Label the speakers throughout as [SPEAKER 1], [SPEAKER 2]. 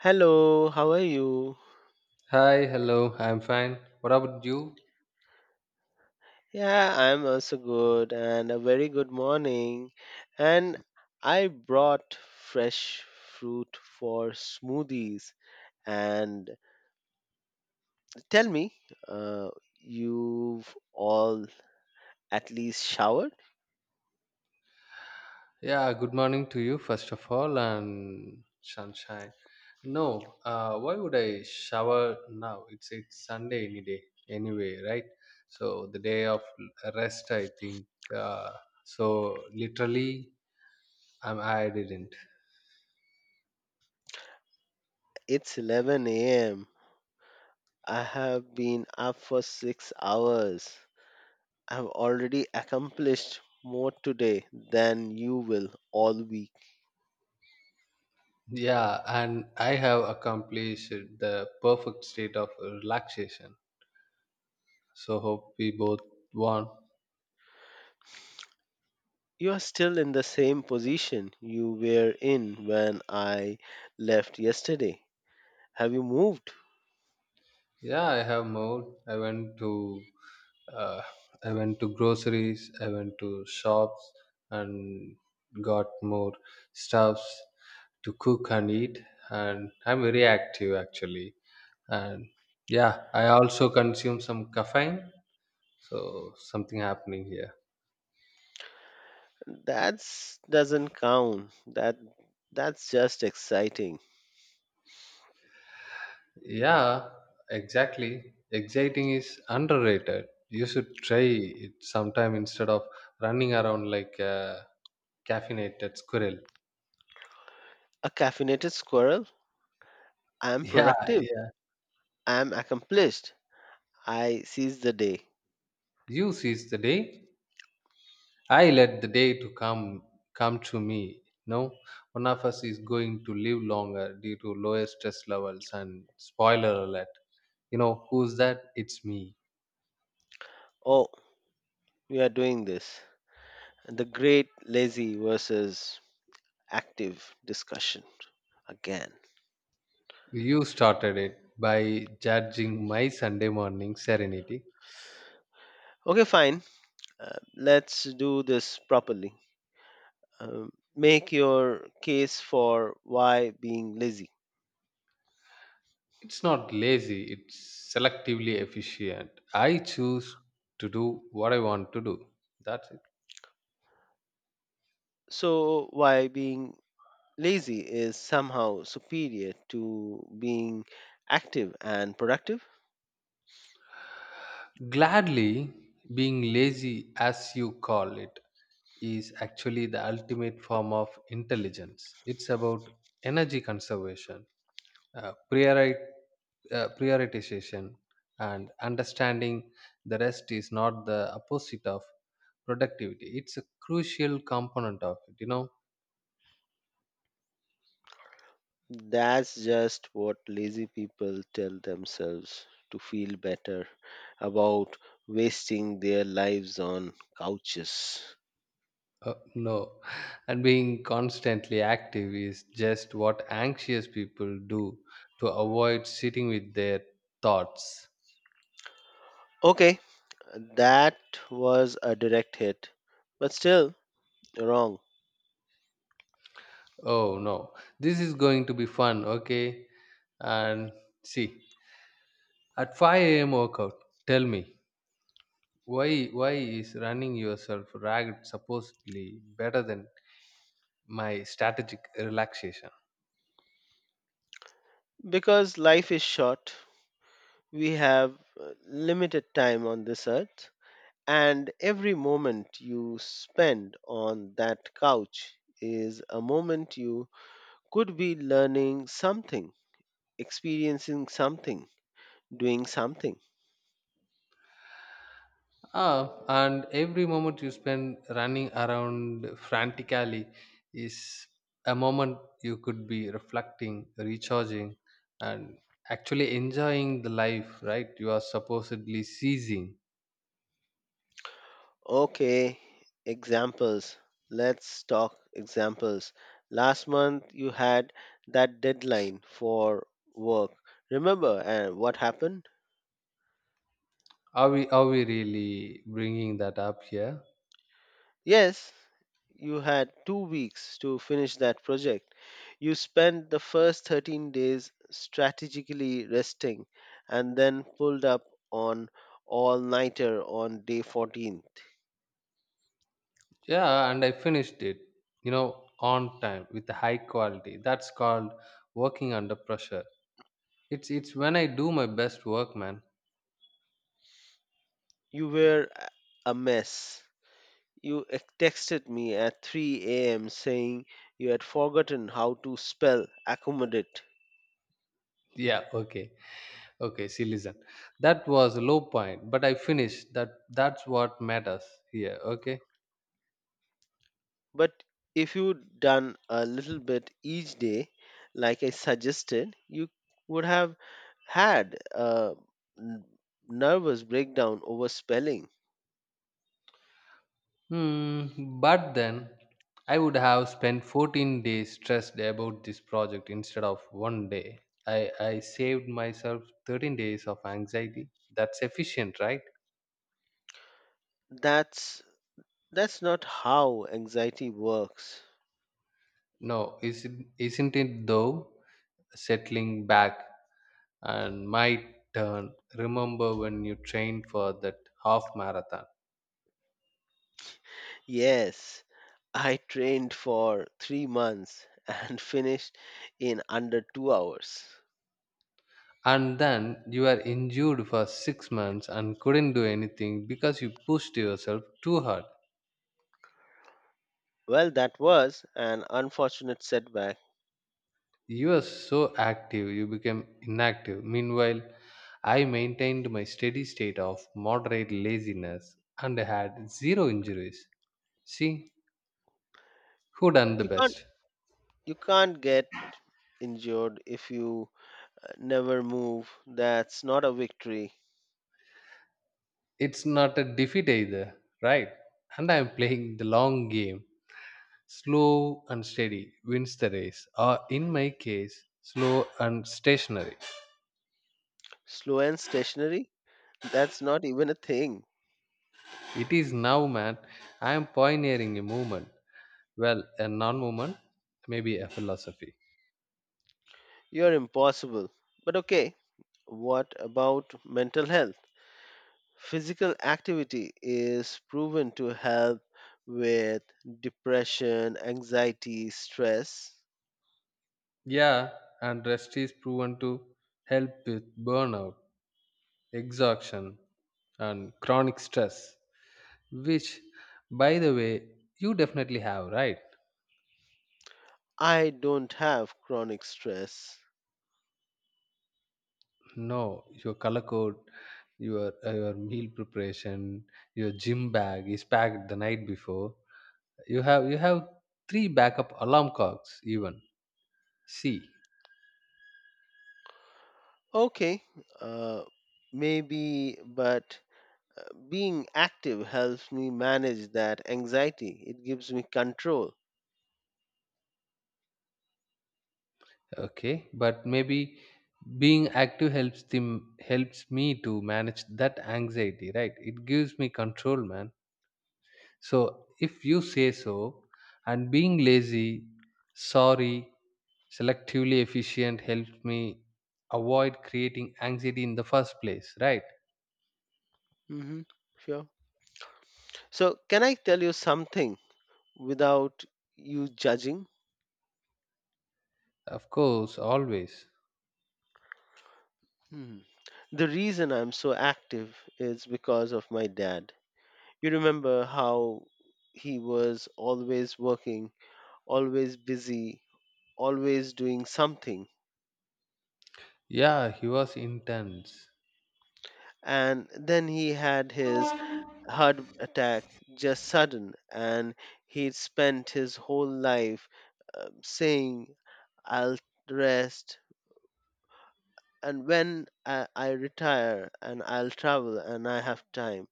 [SPEAKER 1] Hello, how are you?
[SPEAKER 2] Hi, hello. I'm fine. What about you?
[SPEAKER 1] Yeah, I'm also good and a very good morning. And I brought fresh fruit for smoothies. And tell me, uh, you've all at least showered?
[SPEAKER 2] Yeah, good morning to you, first of all, and sunshine. No, why would I shower now? It's Sunday any day, anyway, right? So the day of rest, I think. Uh, so literally, I didn't.
[SPEAKER 1] It's 11 a.m. I have been up for 6 hours. I've already accomplished more today than you will all week.
[SPEAKER 2] Yeah, and I have accomplished the perfect state of relaxation. So hope we both won.
[SPEAKER 1] You are still in the same position you were in when I left yesterday. Have you moved?
[SPEAKER 2] Yeah, I have more. Uh, I went to groceries. I went to shops and got more stuffs to cook and eat. And I'm very active actually. And yeah, I also consume some caffeine. So something happening here.
[SPEAKER 1] That's doesn't count. That's just exciting.
[SPEAKER 2] Yeah, exactly. Exciting is underrated. You should try it sometime instead of running around like a caffeinated squirrel.
[SPEAKER 1] A caffeinated squirrel. I am
[SPEAKER 2] Yeah,
[SPEAKER 1] productive.
[SPEAKER 2] yeah.
[SPEAKER 1] I am accomplished. I seize the day.
[SPEAKER 2] You seize the day. I let the day to come to me. No, one of us is going to live longer due to lower stress levels and spoiler alert. You know who's that? It's me.
[SPEAKER 1] Oh, we are doing this. The great lazy versus active discussion again.
[SPEAKER 2] You started it by judging my Sunday morning serenity.
[SPEAKER 1] Okay, fine. Let's do this properly. Make your case for why being lazy.
[SPEAKER 2] It's not lazy. It's selectively efficient. I choose to do what I want to do. That's it.
[SPEAKER 1] So, why being lazy is somehow superior to being active and productive?
[SPEAKER 2] Gladly being lazy, as you call it, is actually the ultimate form of intelligence. It's about energy conservation, uh, priori- prioritization, and understanding the rest is not the opposite of productivity. It's a crucial component of it, you know.
[SPEAKER 1] That's just what lazy people tell themselves to feel better about wasting their lives on couches.
[SPEAKER 2] No, and being constantly active is just what anxious people do to avoid sitting with their thoughts.
[SPEAKER 1] Okay, that was a direct hit, but still wrong
[SPEAKER 2] Oh no, this is going to be fun, okay? And see, at 5 a.m. workout, tell me, why is running yourself ragged supposedly better than my strategic relaxation?
[SPEAKER 1] because life is short. We have limited time on this earth, and every moment you spend on that couch is a moment you could be learning something, experiencing something, doing something.
[SPEAKER 2] Ah, and every moment you spend running around frantically is a moment you could be reflecting, recharging, and actually enjoying the life, right? You are supposedly seizing.
[SPEAKER 1] Okay, examples. Let's talk examples. Last month you had that deadline for work. Remember and what happened?
[SPEAKER 2] Are we really bringing that up here?
[SPEAKER 1] Yes, you had 2 weeks to finish that project. You spent the first 13 days strategically resting and then pulled up on all nighter on day 14th.
[SPEAKER 2] Yeah, and I finished it, you know, on time with high quality. That's called working under pressure. It's when I do my best work, man.
[SPEAKER 1] You were a mess. You texted me at 3 a.m. saying you had forgotten how to spell accommodate.
[SPEAKER 2] Yeah, okay, okay. See, listen, that was a low point, but I finished. That's what matters here. Okay.
[SPEAKER 1] But if you done a little bit each day, like I suggested, you would have had a n- nervous breakdown over spelling.
[SPEAKER 2] Hmm, but then I would have spent 14 days stressed about this project instead of 1 day. I saved myself 13 days of anxiety. That's efficient, right?
[SPEAKER 1] That's that's not how anxiety works.
[SPEAKER 2] No, isn't it though? Settling back and my turn. Remember when you trained for that half marathon
[SPEAKER 1] Yes, I trained for 3 months and finished in under 2 hours.
[SPEAKER 2] and then you were injured for 6 months and couldn't do anything because you pushed yourself too hard.
[SPEAKER 1] Well, that was an unfortunate setback.
[SPEAKER 2] You were so active, you became inactive. Meanwhile, I maintained my steady state of moderate laziness and had zero injuries. See, who done the
[SPEAKER 1] You can't
[SPEAKER 2] best?
[SPEAKER 1] you can't get injured if you never move. That's not a victory.
[SPEAKER 2] It's not a defeat either, right? And I'm playing the long game. Slow and steady wins the race, or in my case, slow and stationary.
[SPEAKER 1] Slow and stationary? That's not even a thing.
[SPEAKER 2] It is now, man. I am pioneering a movement. Well, a non movement, maybe a philosophy.
[SPEAKER 1] You're impossible. But okay, what about mental health? Physical activity is proven to help with depression, anxiety, stress.
[SPEAKER 2] Yeah, and rest is proven to help with burnout, exhaustion, and chronic stress, which, by the way, you definitely have, right?
[SPEAKER 1] I don't have chronic stress.
[SPEAKER 2] No, your color code, your meal preparation, your gym bag is packed the night before. You have three backup alarm clocks even. See.
[SPEAKER 1] Okay, uh, maybe, but uh, being active helps me manage that anxiety. It gives me control.
[SPEAKER 2] Okay, but maybe being active helps them helps me to manage that anxiety, right? It gives me control, man. So if you say so, and being lazy, sorry, selectively efficient helps me avoid creating anxiety in the first place, right?
[SPEAKER 1] Hmm. Sure. So, can I tell you something without you judging?
[SPEAKER 2] Of course, always.
[SPEAKER 1] Hmm. The reason I'm so active is because of my dad. You remember how he was always working, always busy, always doing something.
[SPEAKER 2] Yeah, he was intense.
[SPEAKER 1] And then he had his heart attack just sudden, and he'd spent his whole life saying, I'll rest, and when I retire and I'll travel and I have time.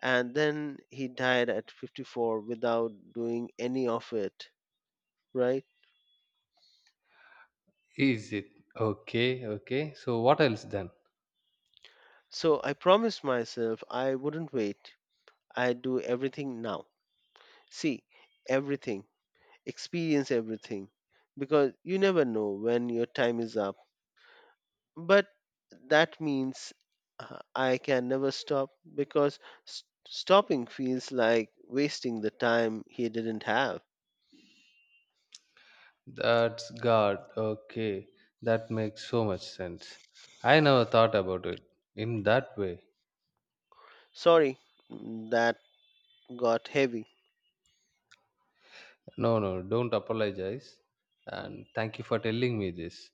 [SPEAKER 1] And then he died at 54 without doing any of it, right?
[SPEAKER 2] Is it okay? Okay. So what else then?
[SPEAKER 1] So I promised myself I wouldn't wait. I do everything now. See, everything, experience everything, because you never know when your time is up. But that means I can never stop because stopping feels like wasting the time he didn't have.
[SPEAKER 2] That's God. Okay. That makes so much sense. I never thought about it in that way.
[SPEAKER 1] Sorry, that got heavy.
[SPEAKER 2] No, no, don't apologize. And thank you for telling me this.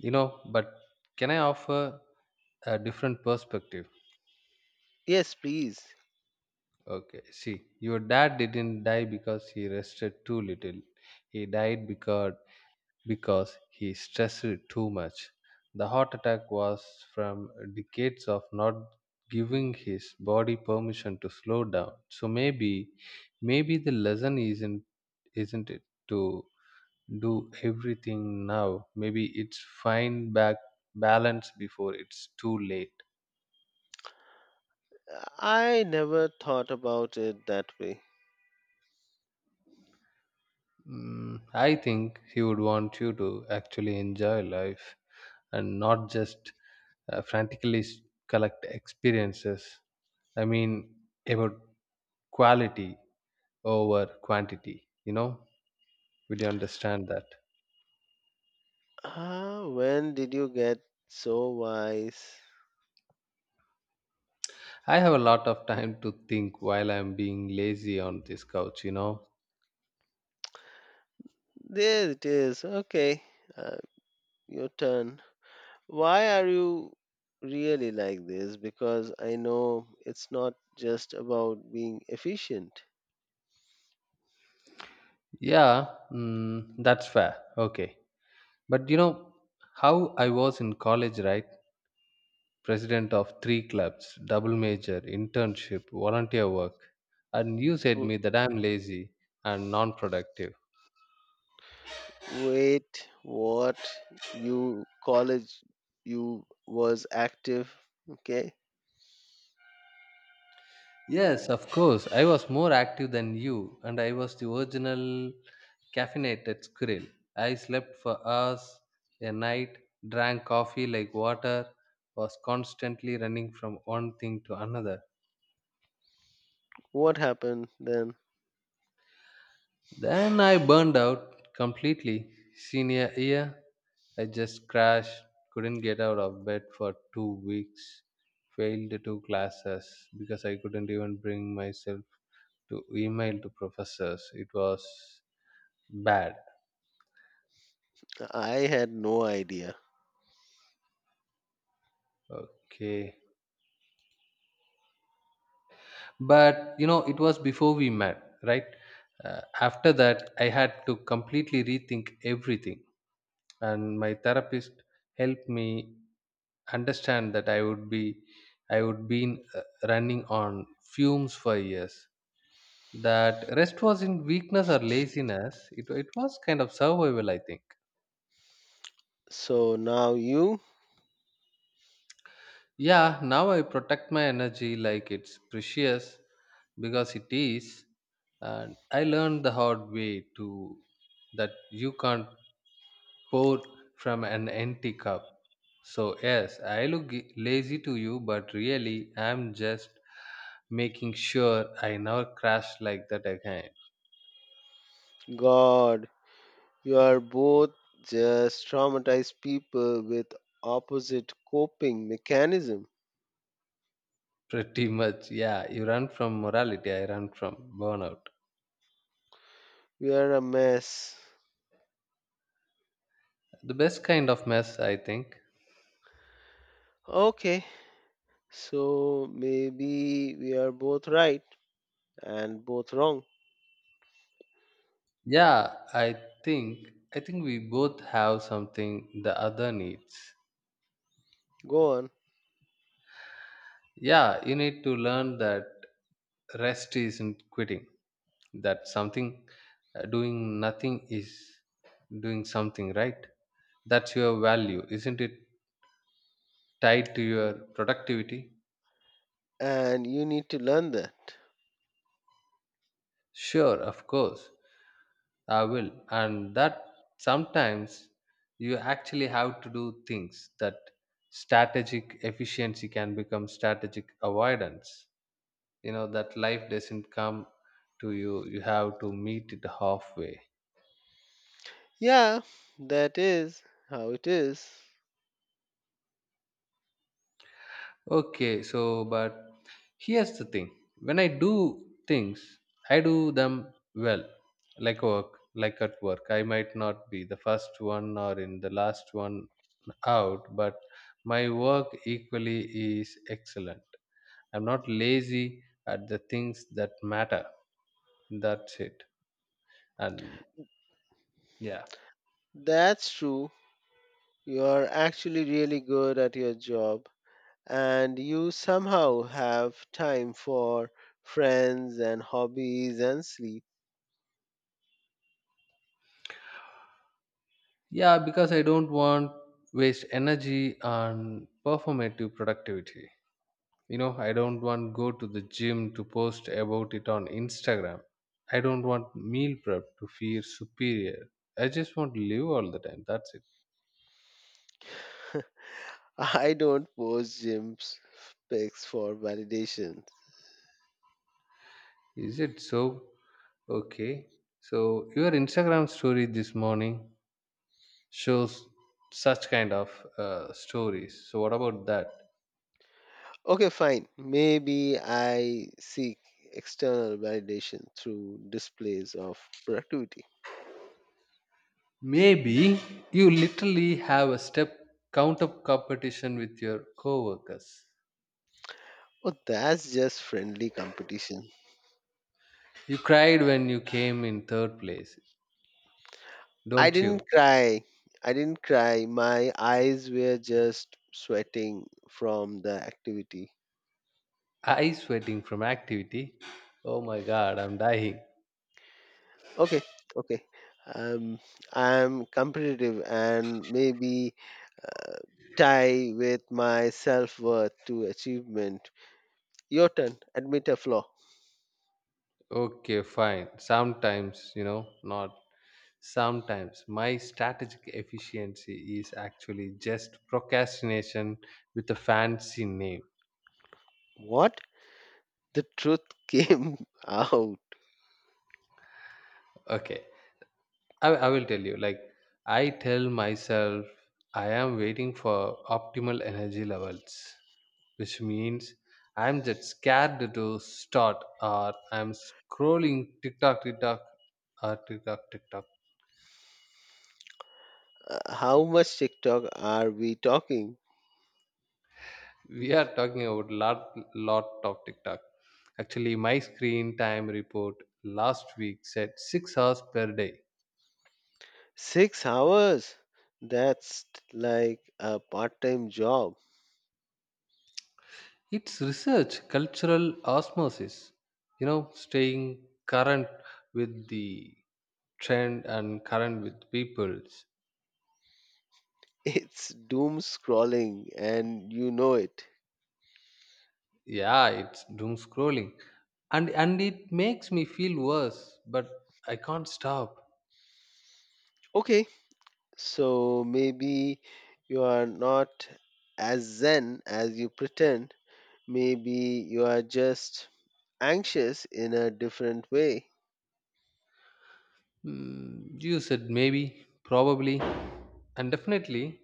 [SPEAKER 2] You know, but can I offer a different perspective?
[SPEAKER 1] Yes, please.
[SPEAKER 2] Okay. See, your dad didn't die because he rested too little. He died because he stressed too much. The heart attack was from decades of not giving his body permission to slow down. So maybe the lesson isn't it to do everything now. Maybe it's find back balance before it's too late.
[SPEAKER 1] I never thought about it that way.
[SPEAKER 2] Mm, I think he would want you to actually enjoy life and not just uh, frantically s- collect experiences. I mean, about quality over quantity, you know? Will you understand that?
[SPEAKER 1] Ah, when did you get so wise?
[SPEAKER 2] I have a lot of time to think while I'm being lazy on this couch, you know?
[SPEAKER 1] There it is. Okay, uh, your turn. Why are you really like this? Because I know it's not just about being efficient.
[SPEAKER 2] Yeah, mm, that's fair. Okay. But you know how I was in college, right? President of 3 clubs, double major, internship, volunteer work. And you said
[SPEAKER 1] W-
[SPEAKER 2] me that I'm lazy and non productive.
[SPEAKER 1] Wait, what? You college, you was active. Okay,
[SPEAKER 2] Yes, of course. I was more active than you, and I was the original caffeinated squirrel. I slept for hours a night, drank coffee like water, was constantly running from one thing to another.
[SPEAKER 1] what happened then?
[SPEAKER 2] Then I burned out completely. Senior year, I just crashed, couldn't get out of bed for 2 weeks, failed two classes because I couldn't even bring myself to email to professors. It was bad.
[SPEAKER 1] I had no idea.
[SPEAKER 2] Okay. But, you know, it was before we met, right? After that, I had to completely rethink everything. And my therapist helped me understand that I would been running on fumes for years, that rest was in weakness or laziness, it was kind of survival, I think.
[SPEAKER 1] So now you,
[SPEAKER 2] Yeah, now I protect my energy like it's precious, because it is, and I learned the hard way to that you can't pour from an empty cup. So yes, I look lazy to you, but really I'm just making sure I never crash like that again.
[SPEAKER 1] God, you are both just traumatized people with opposite coping mechanism.
[SPEAKER 2] Pretty much, yeah. You run from morality, I run from burnout.
[SPEAKER 1] We are a mess.
[SPEAKER 2] The best kind of mess, I think.
[SPEAKER 1] Okay, so maybe we are both right and both wrong.
[SPEAKER 2] Yeah, think I think we both have something the other needs.
[SPEAKER 1] Go on.
[SPEAKER 2] Yeah, you need to learn that rest isn't quitting, that something, doing nothing is doing something, right? That's your value, isn't it, tied to your productivity.
[SPEAKER 1] And you need to learn that.
[SPEAKER 2] Sure, of course I will. And that sometimes you actually have to do things, that strategic efficiency can become strategic avoidance. You know, that life doesn't come to you, you have to meet it halfway.
[SPEAKER 1] Yeah, that is how it is.
[SPEAKER 2] Okay, so but here's the thing. When I do things, I do them well. Like work, like at work. I might not be the first one or in the last one out, but my work equally is excellent. I'm not lazy at the things that matter. That's it. And yeah.
[SPEAKER 1] That's true. You are actually really good at your job and you somehow have time for friends and hobbies and sleep.
[SPEAKER 2] Yeah, because I don't want waste energy on performative productivity. You know, I don't want go to the gym to post about it on Instagram. I don't want meal prep to feel superior. I just want to live all the time, that's it.
[SPEAKER 1] I don't post gyms pics for validation.
[SPEAKER 2] Is it so? Okay, so your Instagram story this morning shows such kind of stories, so what about that?
[SPEAKER 1] Okay, fine. Maybe I seek external validation through displays of productivity.
[SPEAKER 2] Maybe you literally have a step count up competition with your coworkers.
[SPEAKER 1] Oh, that's just friendly competition.
[SPEAKER 2] You cried when you came in third place,
[SPEAKER 1] I
[SPEAKER 2] don't
[SPEAKER 1] didn't
[SPEAKER 2] you?
[SPEAKER 1] cry. I didn't cry. My eyes were just sweating from the activity.
[SPEAKER 2] Eyes sweating from activity. Oh my god, I'm dying.
[SPEAKER 1] Okay, okay. Um, I'm competitive and maybe tie with my self worth to achievement. Your turn. Admit a flaw.
[SPEAKER 2] Okay, fine. Sometimes, you know, not sometimes. My strategic efficiency is actually just procrastination with a fancy name.
[SPEAKER 1] What? The truth came out.
[SPEAKER 2] Okay. I will tell you, like, I tell myself I am waiting for optimal energy levels, which means I'm just scared to start or I'm scrolling TikTok.
[SPEAKER 1] How much TikTok are we talking?
[SPEAKER 2] We are talking about lot of TikTok. Actually, my screen time report last week said 6 hours per day.
[SPEAKER 1] 6 hours. That's like a part time job.
[SPEAKER 2] It's research, cultural osmosis, you know, staying current with the trend and current with people's.
[SPEAKER 1] It's doom scrolling and you know it.
[SPEAKER 2] Yeah, it's doom scrolling. And it makes me feel worse, but I can't stop.
[SPEAKER 1] Okay, so maybe you are not as zen as you pretend. Maybe you are just anxious in a different way.
[SPEAKER 2] Mm, you said maybe, probably, and definitely.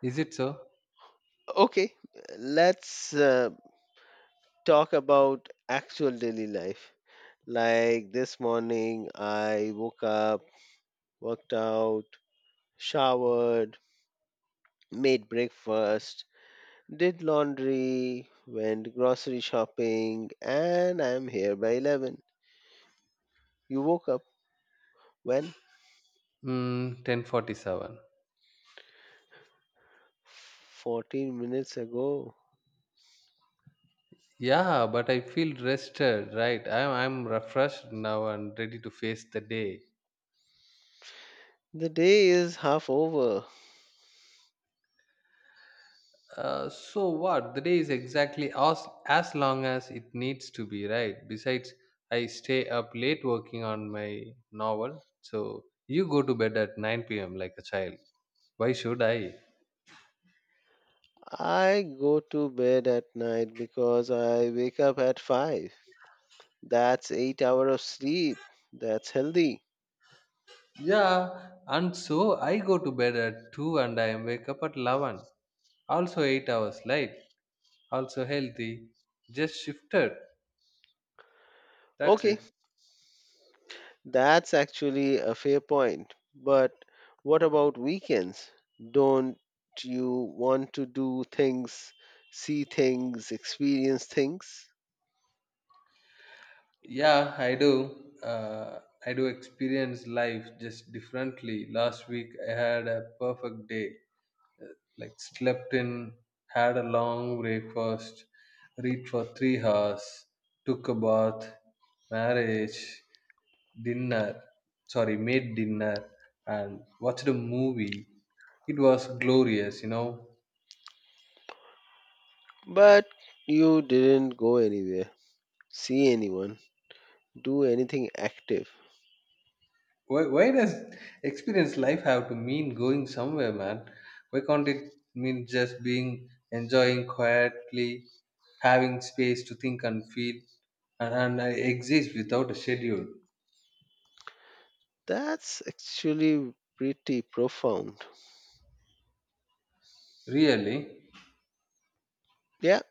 [SPEAKER 2] Is it so?
[SPEAKER 1] Okay, let's talk about actual daily life. Like this morning, I woke up, worked out, showered, made breakfast, did laundry, went grocery shopping, and I'm here by 11. You woke up when?
[SPEAKER 2] Mm, 1047.
[SPEAKER 1] 14 minutes ago.
[SPEAKER 2] Yeah, but I feel rested, right? I'm refreshed now and ready to face the day.
[SPEAKER 1] The day is half over.
[SPEAKER 2] So what? The day is exactly as long as it needs to be, right? Besides, I stay up late working on my novel. So you go to bed at 9 p.m. like a child. Why should I?
[SPEAKER 1] I go to bed at night because I wake up at 5. That's 8 hours of sleep. That's healthy.
[SPEAKER 2] Yeah, and so I go to bed at 2 and I wake up at 11. Also 8 hours late. Also healthy. Just shifted. That's
[SPEAKER 1] Okay,
[SPEAKER 2] it.
[SPEAKER 1] that's actually a fair point. But what about weekends? Don't you want to do things, see things, experience things?
[SPEAKER 2] Yeah, I do. I do experience life just differently. Last week I had a perfect day. Like slept in, had a long breakfast, read for 3 hours, took a bath, marriage, dinner, made dinner, and watched a movie. It was glorious, you know.
[SPEAKER 1] But you didn't go anywhere, see anyone, do anything active.
[SPEAKER 2] Why does experience life have to mean going somewhere, man? Why can't it mean just being enjoying quietly, having space to think and feel, and, I exist without a schedule?
[SPEAKER 1] That's actually pretty profound.
[SPEAKER 2] Really?
[SPEAKER 1] Yeah,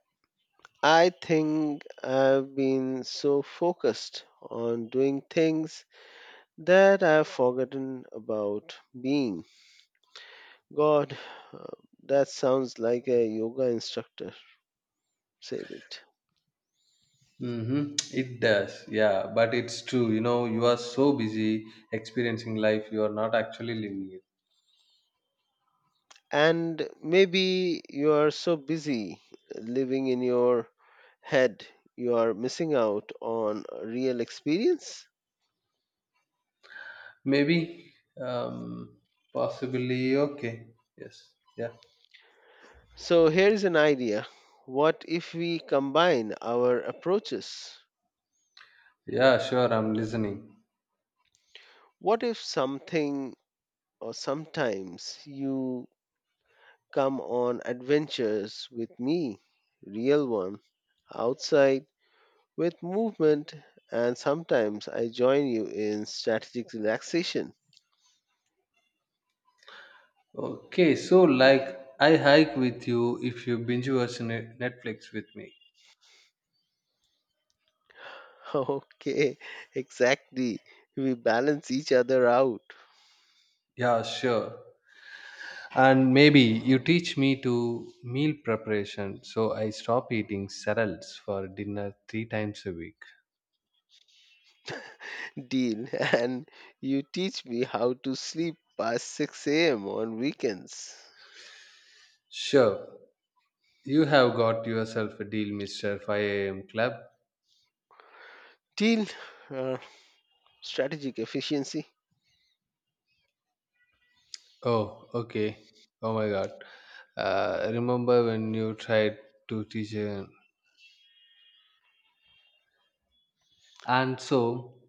[SPEAKER 1] I think I've been so focused on doing things that I've forgotten about being. God, uh, that sounds like a yoga instructor said it.
[SPEAKER 2] Hmm. It does. Yeah, but it's true. You know, you are so busy experiencing life, you are not actually living it.
[SPEAKER 1] And maybe you are so busy living in your head, you are missing out on a real experience.
[SPEAKER 2] Maybe, um, possibly, okay. Yes. Yeah.
[SPEAKER 1] So here's an idea. What if we combine our approaches?
[SPEAKER 2] Yeah, sure. I'm listening.
[SPEAKER 1] What if something or sometimes you come on adventures with me, real one, outside with movement, and sometimes I join you in strategic relaxation?
[SPEAKER 2] Okay, so like I hike with you if you binge watch Netflix with me.
[SPEAKER 1] Okay, exactly. We balance each other out.
[SPEAKER 2] Yeah, sure. And maybe you teach me to meal preparation so I stop eating cereals for dinner 3 times a week.
[SPEAKER 1] Deal. And you teach me how to sleep past 6 a.m. on weekends.
[SPEAKER 2] Sure. You have got yourself a deal, Mr. 5 a.m. Club.
[SPEAKER 1] Till uh, strategic efficiency.
[SPEAKER 2] Oh, okay. Oh my god. Remember when you tried to teach her. And so,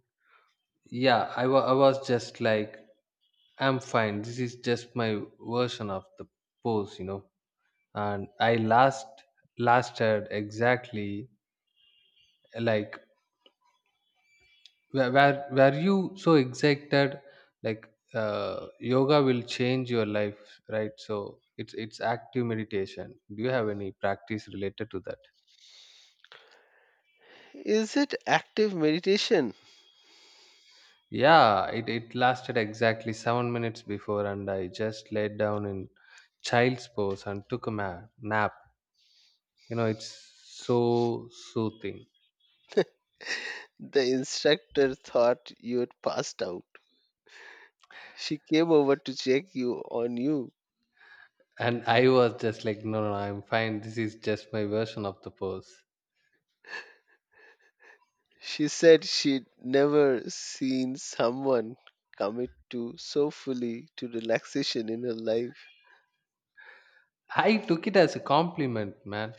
[SPEAKER 2] yeah, I was just like, I'm fine. This is just my version of the pose. And I lasted exactly like, were you so exact that like, yoga will change your life, right? So it's active meditation. Do you have any practice related to that?
[SPEAKER 1] Is it active meditation?
[SPEAKER 2] Yeah, it lasted exactly 7 minutes before, and I just laid down in child's pose and took a nap. It's so soothing.
[SPEAKER 1] The instructor thought you had passed out. She came over to check you on you.
[SPEAKER 2] And I was just like, no, no, no, I'm fine, this is just my version of the pose.
[SPEAKER 1] She said she'd never seen someone commit to so fully to relaxation in her life.
[SPEAKER 2] I took it as a compliment, man.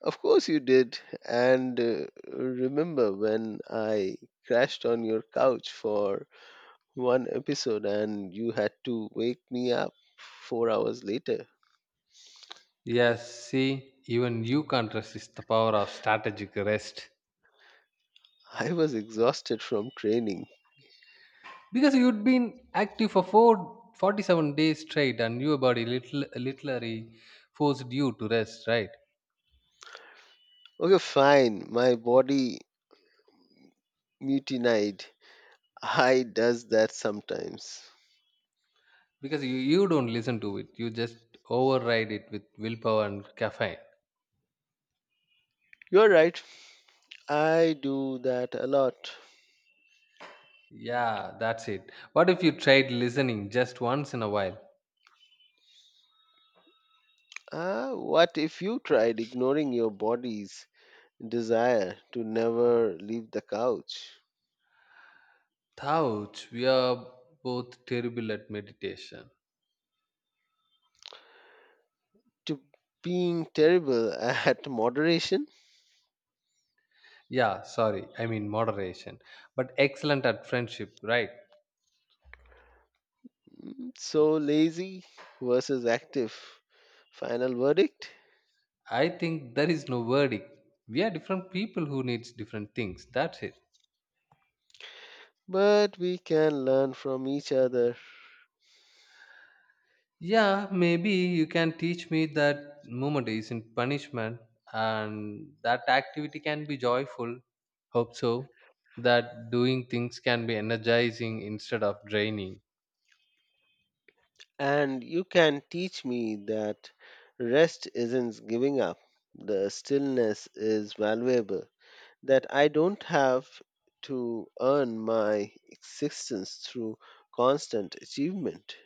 [SPEAKER 1] Of course you did. And remember when I crashed on your couch for one episode and you had to wake me up 4 hours later?
[SPEAKER 2] Yes, see, even you can't resist the power of strategic rest,
[SPEAKER 1] I was exhausted from training.
[SPEAKER 2] because you'd been active for 47 days straight, and your body literally forced you to rest, right?
[SPEAKER 1] Okay, fine. My body mutinied. I does that sometimes.
[SPEAKER 2] Because you don't listen to it, you just override it with willpower and caffeine.
[SPEAKER 1] You're right. I do that a lot.
[SPEAKER 2] Yeah, that's it. What if you tried listening just once in a while?
[SPEAKER 1] Ah, what if you tried ignoring your body's desire to never leave the couch?
[SPEAKER 2] Ouch, we are both terrible at meditation.
[SPEAKER 1] To being terrible at moderation?
[SPEAKER 2] Yeah, sorry, I mean moderation, but excellent at friendship, right?
[SPEAKER 1] So lazy versus active. Final verdict?
[SPEAKER 2] I think there is no verdict. We are different people who needs different things. That's it.
[SPEAKER 1] But we can learn from each other.
[SPEAKER 2] Yeah, maybe you can teach me that movement isn't punishment and that activity can be joyful. Hope so. That doing things can be energizing instead of draining.
[SPEAKER 1] And you can teach me that rest isn't giving up, the stillness is valuable, that I don't have to earn my existence through constant achievement.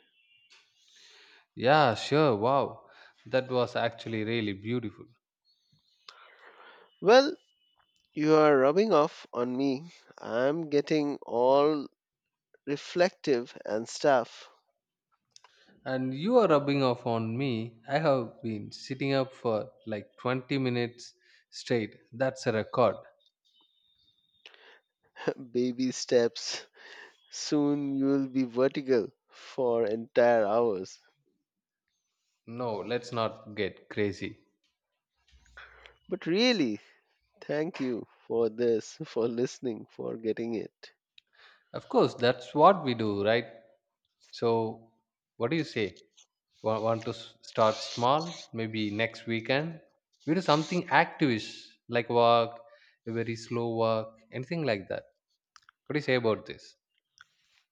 [SPEAKER 2] Yeah, sure. Wow. That was actually really beautiful.
[SPEAKER 1] Well, you are rubbing off on me. I'm getting all reflective and stuff.
[SPEAKER 2] And you are rubbing off on me. I have been sitting up for like 20 minutes straight. That's a record.
[SPEAKER 1] Baby steps. Soon you'll be vertical for entire hours.
[SPEAKER 2] No, let's not get crazy.
[SPEAKER 1] But really, thank you for this, for listening, for getting it.
[SPEAKER 2] Of course, that's what we do, right? So, what do you say? Want to start small? Maybe next weekend? We do something activish, like walk, a very slow walk, anything like that. What do you say about this?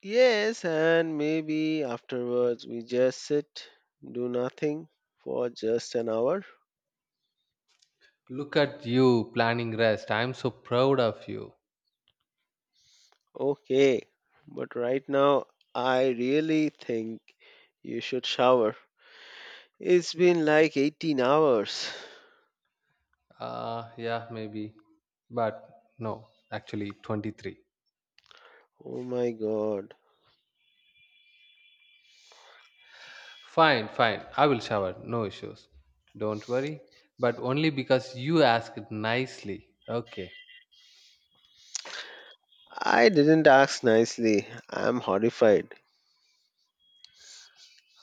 [SPEAKER 1] Yes, and maybe afterwards we just sit, do nothing for just an hour.
[SPEAKER 2] Look at you planning rest. I'm so proud of you.
[SPEAKER 1] Okay, but right now I really think you should shower. It's been like 18 hours.
[SPEAKER 2] Yeah, maybe. But no, actually, 23.
[SPEAKER 1] Oh my god.
[SPEAKER 2] Fine, fine. I will shower. No issues. Don't worry. But only because you asked nicely. Okay.
[SPEAKER 1] I didn't ask nicely. I'm horrified.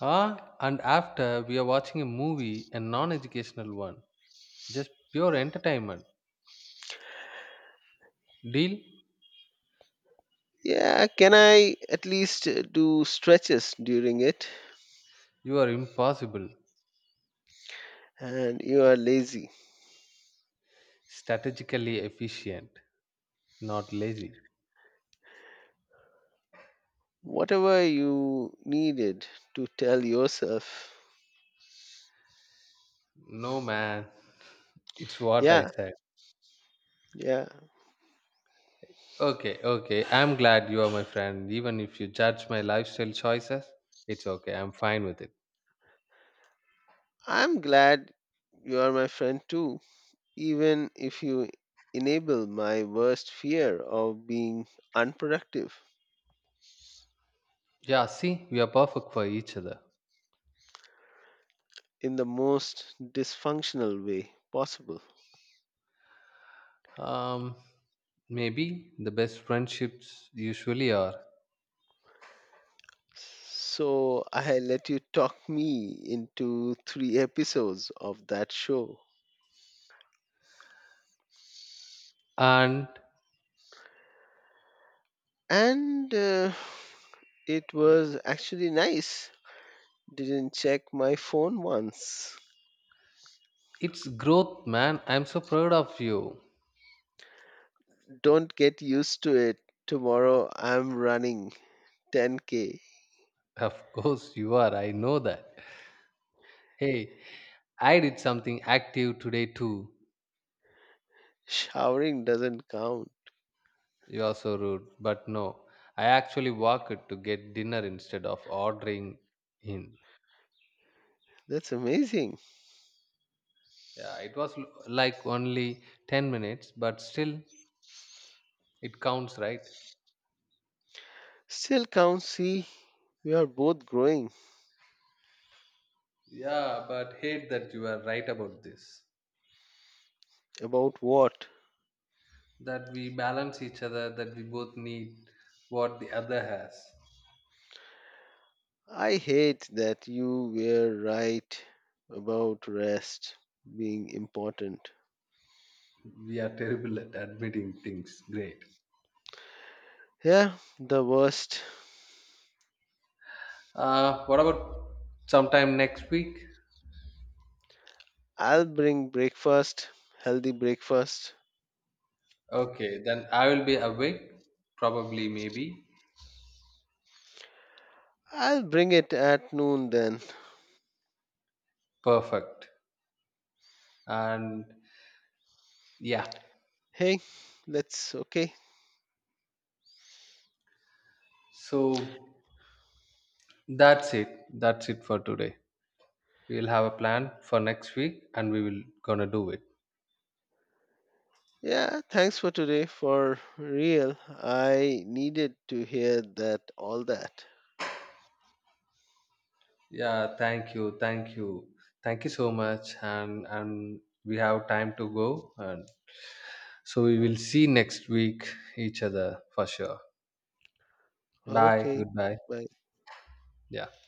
[SPEAKER 2] Huh? And after, we are watching a movie, a non educational one. Just pure entertainment. Deal?
[SPEAKER 1] Yeah, can I at least do stretches during it?
[SPEAKER 2] You are impossible.
[SPEAKER 1] And you are lazy.
[SPEAKER 2] Strategically efficient. Not lazy.
[SPEAKER 1] Whatever you needed to tell yourself.
[SPEAKER 2] No, man. It's what I
[SPEAKER 1] Yeah,
[SPEAKER 2] said.
[SPEAKER 1] yeah.
[SPEAKER 2] Okay, okay. I'm glad you are my friend. Even if you judge my lifestyle choices, it's okay. I'm fine with it.
[SPEAKER 1] I'm glad you are my friend too, even if you enable my worst fear of being unproductive
[SPEAKER 2] Yeah, see, we are perfect for each other.
[SPEAKER 1] in the most dysfunctional way possible.
[SPEAKER 2] Um, Maybe the best friendships usually are.
[SPEAKER 1] So I let you talk me into three episodes of that show.
[SPEAKER 2] And
[SPEAKER 1] And it was actually nice. Didn't check my phone once.
[SPEAKER 2] it's growth, man. I'm so proud of you.
[SPEAKER 1] Don't get used to it. Tomorrow I'm running 10k.
[SPEAKER 2] Of course, you are. I know that. Hey, I did something active today too.
[SPEAKER 1] Showering doesn't count.
[SPEAKER 2] You are so rude. But no, I actually walked to get dinner instead of ordering in.
[SPEAKER 1] That's amazing.
[SPEAKER 2] Yeah, it was like only 10 minutes, but still, it counts, right?
[SPEAKER 1] Still counts. See, we are both growing.
[SPEAKER 2] Yeah, but hate that you are right about this.
[SPEAKER 1] About what?
[SPEAKER 2] That we balance each other, that we both need what the other has.
[SPEAKER 1] I hate that you were right about rest being important.
[SPEAKER 2] We are terrible at admitting things. Great.
[SPEAKER 1] Yeah, the worst.
[SPEAKER 2] What about sometime next week?
[SPEAKER 1] I'll bring breakfast, healthy breakfast.
[SPEAKER 2] Okay, then I will be awake, probably, maybe.
[SPEAKER 1] I'll bring it at noon then.
[SPEAKER 2] Perfect. And yeah.
[SPEAKER 1] Hey, let's okay.
[SPEAKER 2] So that's it for today. We'll have a plan for next week and we will gonna do it.
[SPEAKER 1] Yeah, thanks for today. For real, I needed to hear that all that.
[SPEAKER 2] Yeah, thank you, thank you, thank you so much, and we have time to go, and so we will see next week each other for sure. Bye,
[SPEAKER 1] Okay,
[SPEAKER 2] goodbye.
[SPEAKER 1] bye.
[SPEAKER 2] Yeah.